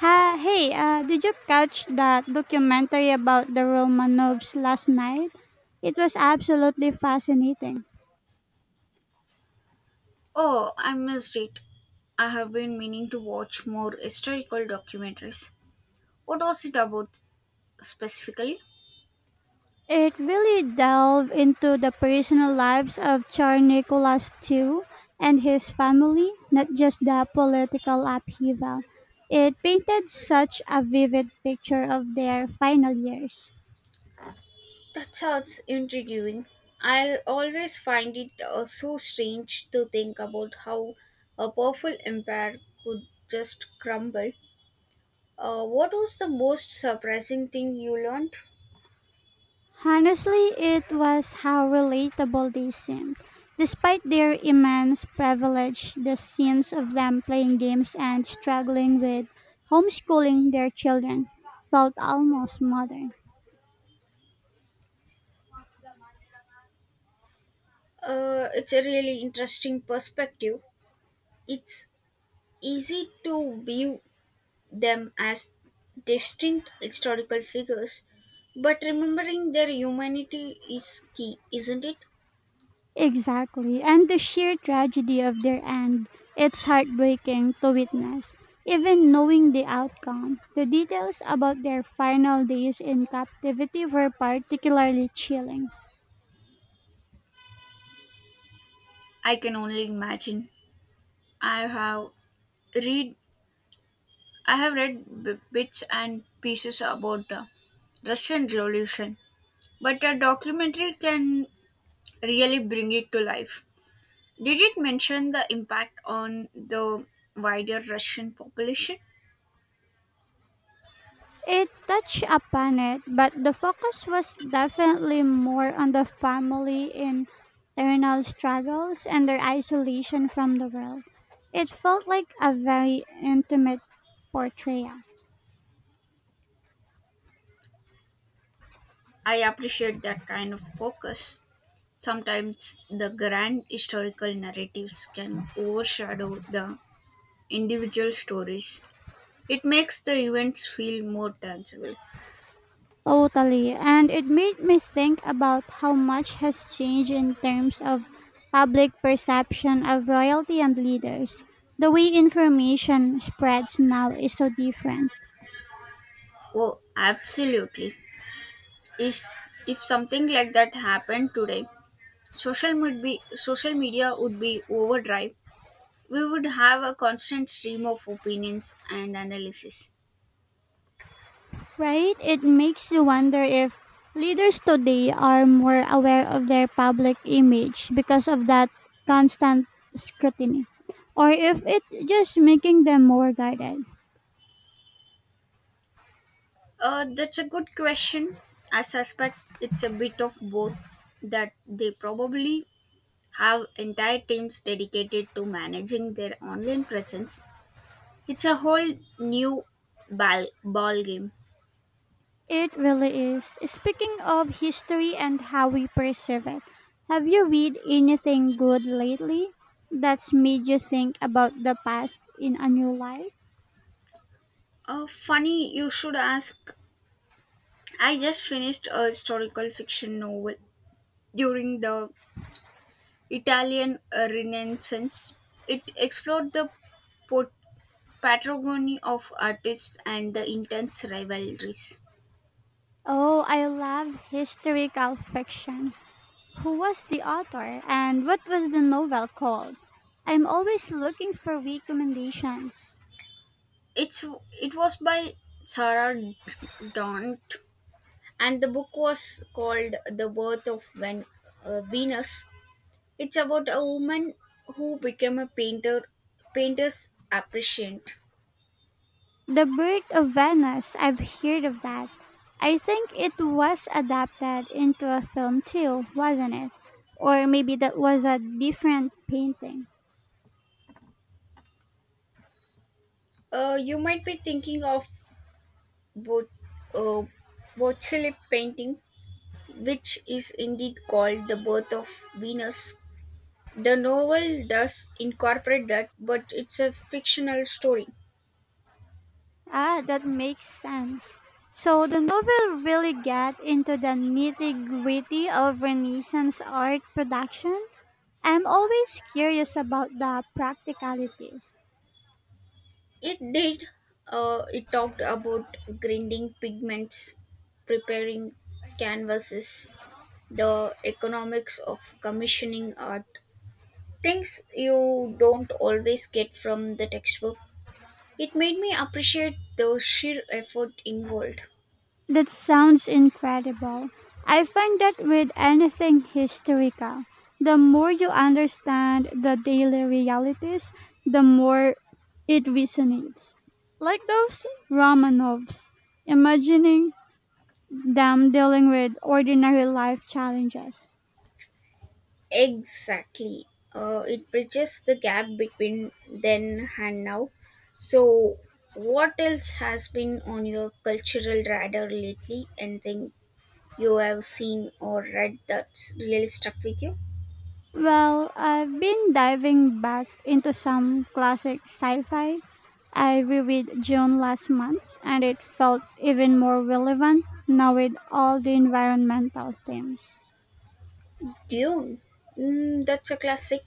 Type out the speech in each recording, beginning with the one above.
Ha, hey, did you catch that documentary about the Romanovs last night? It was absolutely fascinating. Oh, I missed it. I have been meaning to watch more historical documentaries. What was it about specifically? It really delved into the personal lives of Tsar Nicholas II and his family, not just the political upheaval. It painted such a vivid picture of their final years. That sounds intriguing. I always find it so strange to think about how a powerful empire could just crumble. What was the most surprising thing you learned? Honestly, it was how relatable they seemed. Despite their immense privilege, the scenes of them playing games and struggling with homeschooling their children felt almost modern. It's a really interesting perspective. It's easy to view them as distinct historical figures, but remembering their humanity is key, isn't it? Exactly, and the sheer tragedy of their end, it's heartbreaking to witness. Even knowing the outcome, the details about their final days in captivity were particularly chilling. I can only imagine. I have read I have read bits and pieces about the Russian Revolution, but a documentary can really bring it to life. Did it mention the impact on the wider Russian population? It touched upon it, but the focus was definitely more on the family internal struggles and their isolation from the world. It felt like a very intimate portrayal. I appreciate that kind of focus. Sometimes the grand historical narratives can overshadow the individual stories. It makes the events feel more tangible. Totally. And it made me think about how much has changed in terms of public perception of royalty and leaders. The way information spreads now is so different. Oh, absolutely. Is if something like that happened today, social media would be overdrive. We would have a constant stream of opinions and analysis. Right? It makes you wonder if leaders today are more aware of their public image because of that constant scrutiny, or if it just making them more guarded. That's a good question. I suspect it's a bit of both that they probably have entire teams dedicated to managing their online presence. It's a whole new ball game. It really is. Speaking of history and how we perceive it, have you read anything good lately that's made you think about the past in a new light? Funny, you should ask. I just finished a historical fiction novel during the Italian Renaissance. It explored the pot- patrimony of artists and the intense rivalries. Oh, I love historical fiction. Who was the author and what was the novel called? I'm always looking for recommendations. It's it was by Sarah Daunt, and the book was called The Birth of Venus. It's about a woman who became a painter, painter's appreciant. The Bird of Venice, I've heard of that. I think it was adapted into a film too, wasn't it? Or maybe that was a different painting. You might be thinking of Bo- uh, Botticelli painting, which is indeed called The Birth of Venus. The novel does incorporate that, but it's a fictional story. Ah, that makes sense. So the novel really got into the nitty gritty of Renaissance art production. I'm always curious about the practicalities. It did. It talked about grinding pigments, preparing canvases, the economics of commissioning art, things you don't always get from the textbook. It made me appreciate the sheer effort involved. That sounds incredible. I find that with anything historical, the more you understand the daily realities, the more it resonates. Like those Romanovs, imagining them dealing with ordinary life challenges. Exactly. It bridges the gap between then and now. So, what else has been on your cultural radar lately? Anything you have seen or read that's really stuck with you? Well, I've been diving back into some classic sci fi. I reread June last month and it felt even more relevant now with all the environmental themes. Dune. Mm, that's a classic.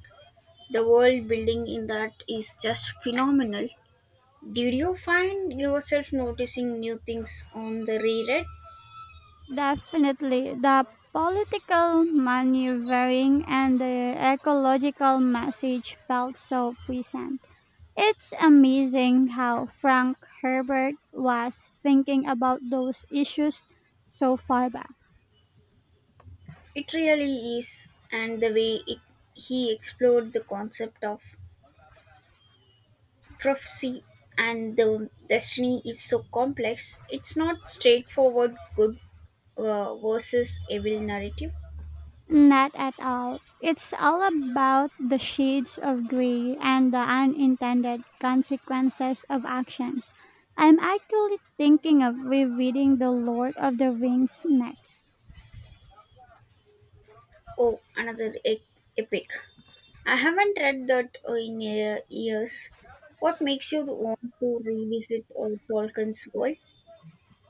The world building in that is just phenomenal. Did you find yourself noticing new things on the reread? Definitely, the political maneuvering and the ecological message felt so present. It's amazing how Frank Herbert was thinking about those issues so far back. It really is, and he explored the concept of prophecy and the destiny is so complex. It's not straightforward good versus evil narrative. Not at all. It's all about the shades of gray and the unintended consequences of actions. I'm actually thinking of rereading The Lord of the Rings next. Oh, another epic. I haven't read that in years. What makes you want to revisit Tolkien's world?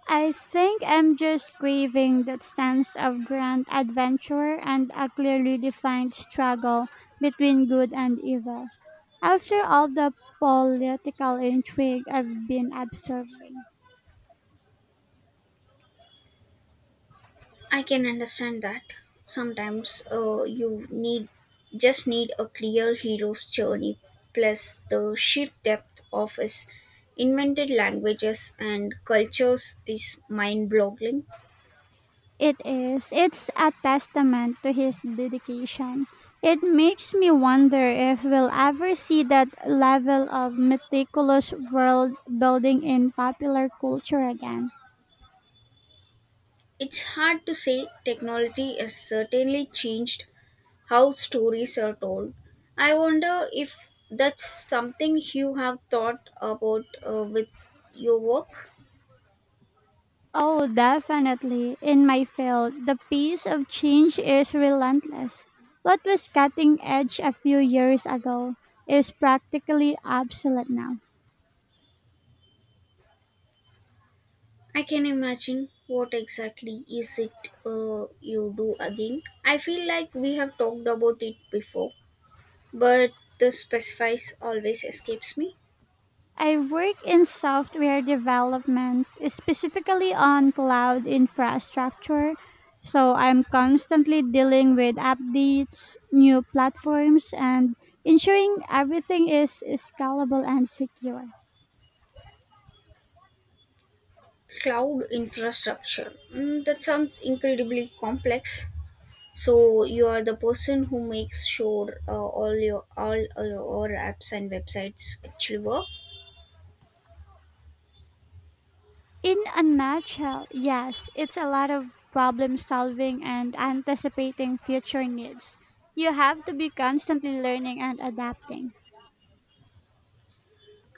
I think I'm just craving that sense of grand adventure and a clearly defined struggle between good and evil. After all the political intrigue I've been observing. I can understand that. Sometimes you need just need a clear hero's journey plus the sheer depth of his invented languages and cultures is mind-boggling. It is. It's a testament to his dedication. It makes me wonder if we'll ever see that level of meticulous world building in popular culture again. It's hard to say, technology has certainly changed how stories are told. I wonder if that's something you have thought about with your work. Oh, definitely. In my field, the pace of change is relentless. What was cutting edge a few years ago is practically obsolete now. I can imagine. What exactly is it you do again? I feel like we have talked about it before, but the specifies always escapes me. I work in software development, specifically on cloud infrastructure. So I'm constantly dealing with updates, new platforms, and ensuring everything is scalable and secure. Cloud infrastructure. Mm, that sounds incredibly complex. So you are the person who makes sure all your apps and websites actually work. In a nutshell, yes, it's a lot of problem solving and anticipating future needs. You have to be constantly learning and adapting.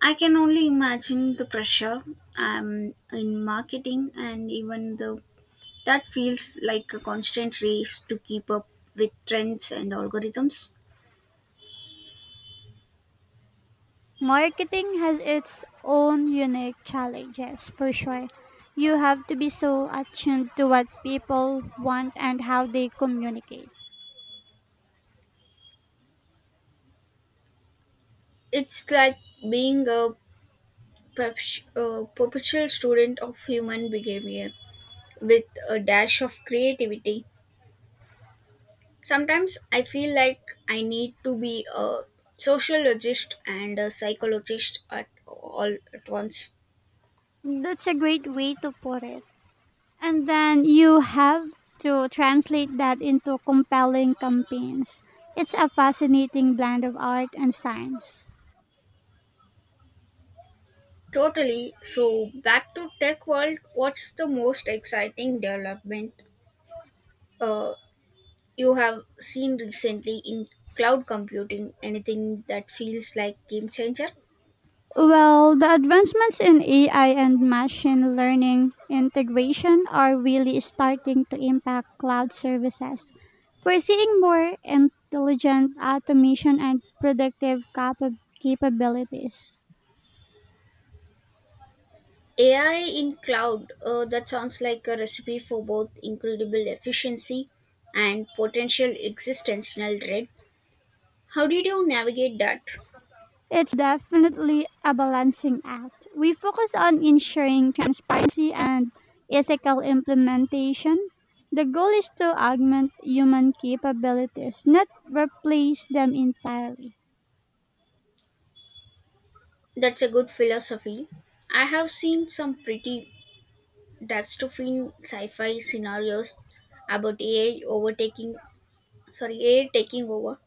I can only imagine the pressure in marketing, and even the that feels like a constant race to keep up with trends and algorithms. Marketing has its own unique challenges for sure. You have to be so attuned to what people want and how they communicate. It's like being a, a perpetual student of human behavior with a dash of creativity. Sometimes I feel like I need to be a sociologist and a psychologist at all at once. That's a great way to put it. And then you have to translate that into compelling campaigns. It's a fascinating blend of art and science. Totally. So back to tech world, what's the most exciting development uh, you have seen recently in cloud computing? Anything that feels like game changer? Well, the advancements in AI and machine learning integration are really starting to impact cloud services. We're seeing more intelligent automation and predictive capabilities. AI in cloud, that sounds like a recipe for both incredible efficiency and potential existential dread. How did you navigate that? It's definitely a balancing act. We focus on ensuring transparency and ethical implementation. The goal is to augment human capabilities, not replace them entirely. That's a good philosophy. I have seen some pretty That's to dystopian sci-fi scenarios about AI taking over.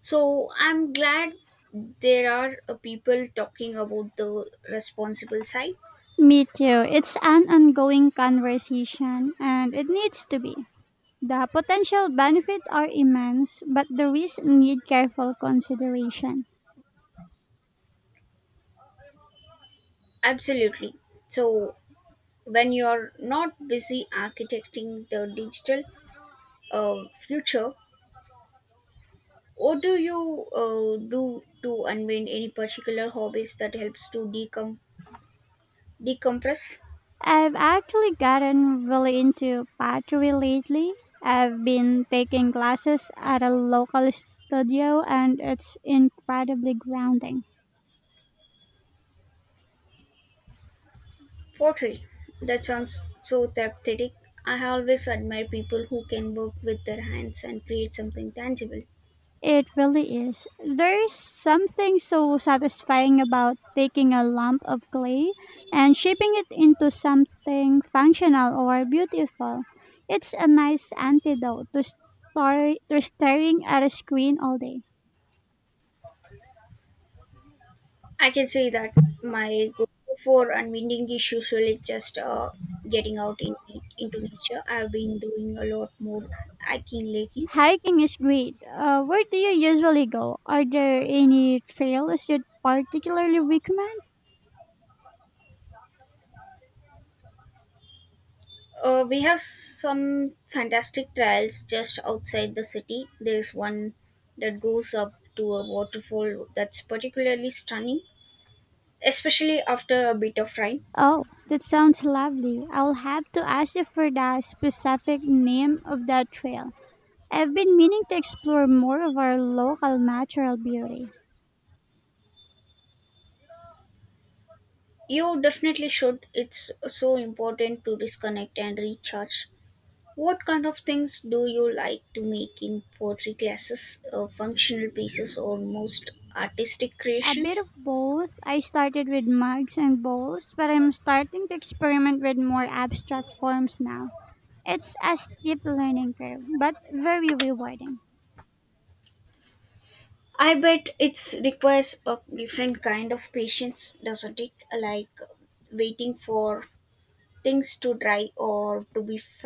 So I'm glad there are people talking about the responsible side. Me too. It's an ongoing conversation and it needs to be. The potential benefits are immense, but the risks need careful consideration. Absolutely. So when you're not busy architecting the digital future, what do you do to unwind? Any particular hobbies that helps to decompress? I've actually gotten really into pottery lately. I've been taking classes at a local studio and it's incredibly grounding. Pottery. That sounds so therapeutic. I have always admired people who can work with their hands and create something tangible. It really is. There is something so satisfying about taking a lump of clay and shaping it into something functional or beautiful. It's a nice antidote to, to staring at a screen all day. I can say that my goal for unwinding is usually just getting into nature. I've been doing a lot more hiking lately. Hiking is great. Where do you usually go? Are there any trails you'd particularly recommend? We have some fantastic trails just outside the city. There's one that goes up to a waterfall that's particularly stunning, especially after a bit of rain. Oh, that sounds lovely. I'll have to ask you for the specific name of that trail. I've been meaning to explore more of our local natural beauty. You definitely should. It's so important to disconnect and recharge. What kind of things do you like to make in pottery classes, functional pieces, or most artistic A bit creations? of both. I started with mugs and bowls, but I'm starting to experiment with more abstract forms now. It's a steep learning curve, but very rewarding. I bet it's requires a different kind of patience, doesn't it? Like waiting for things to dry or to be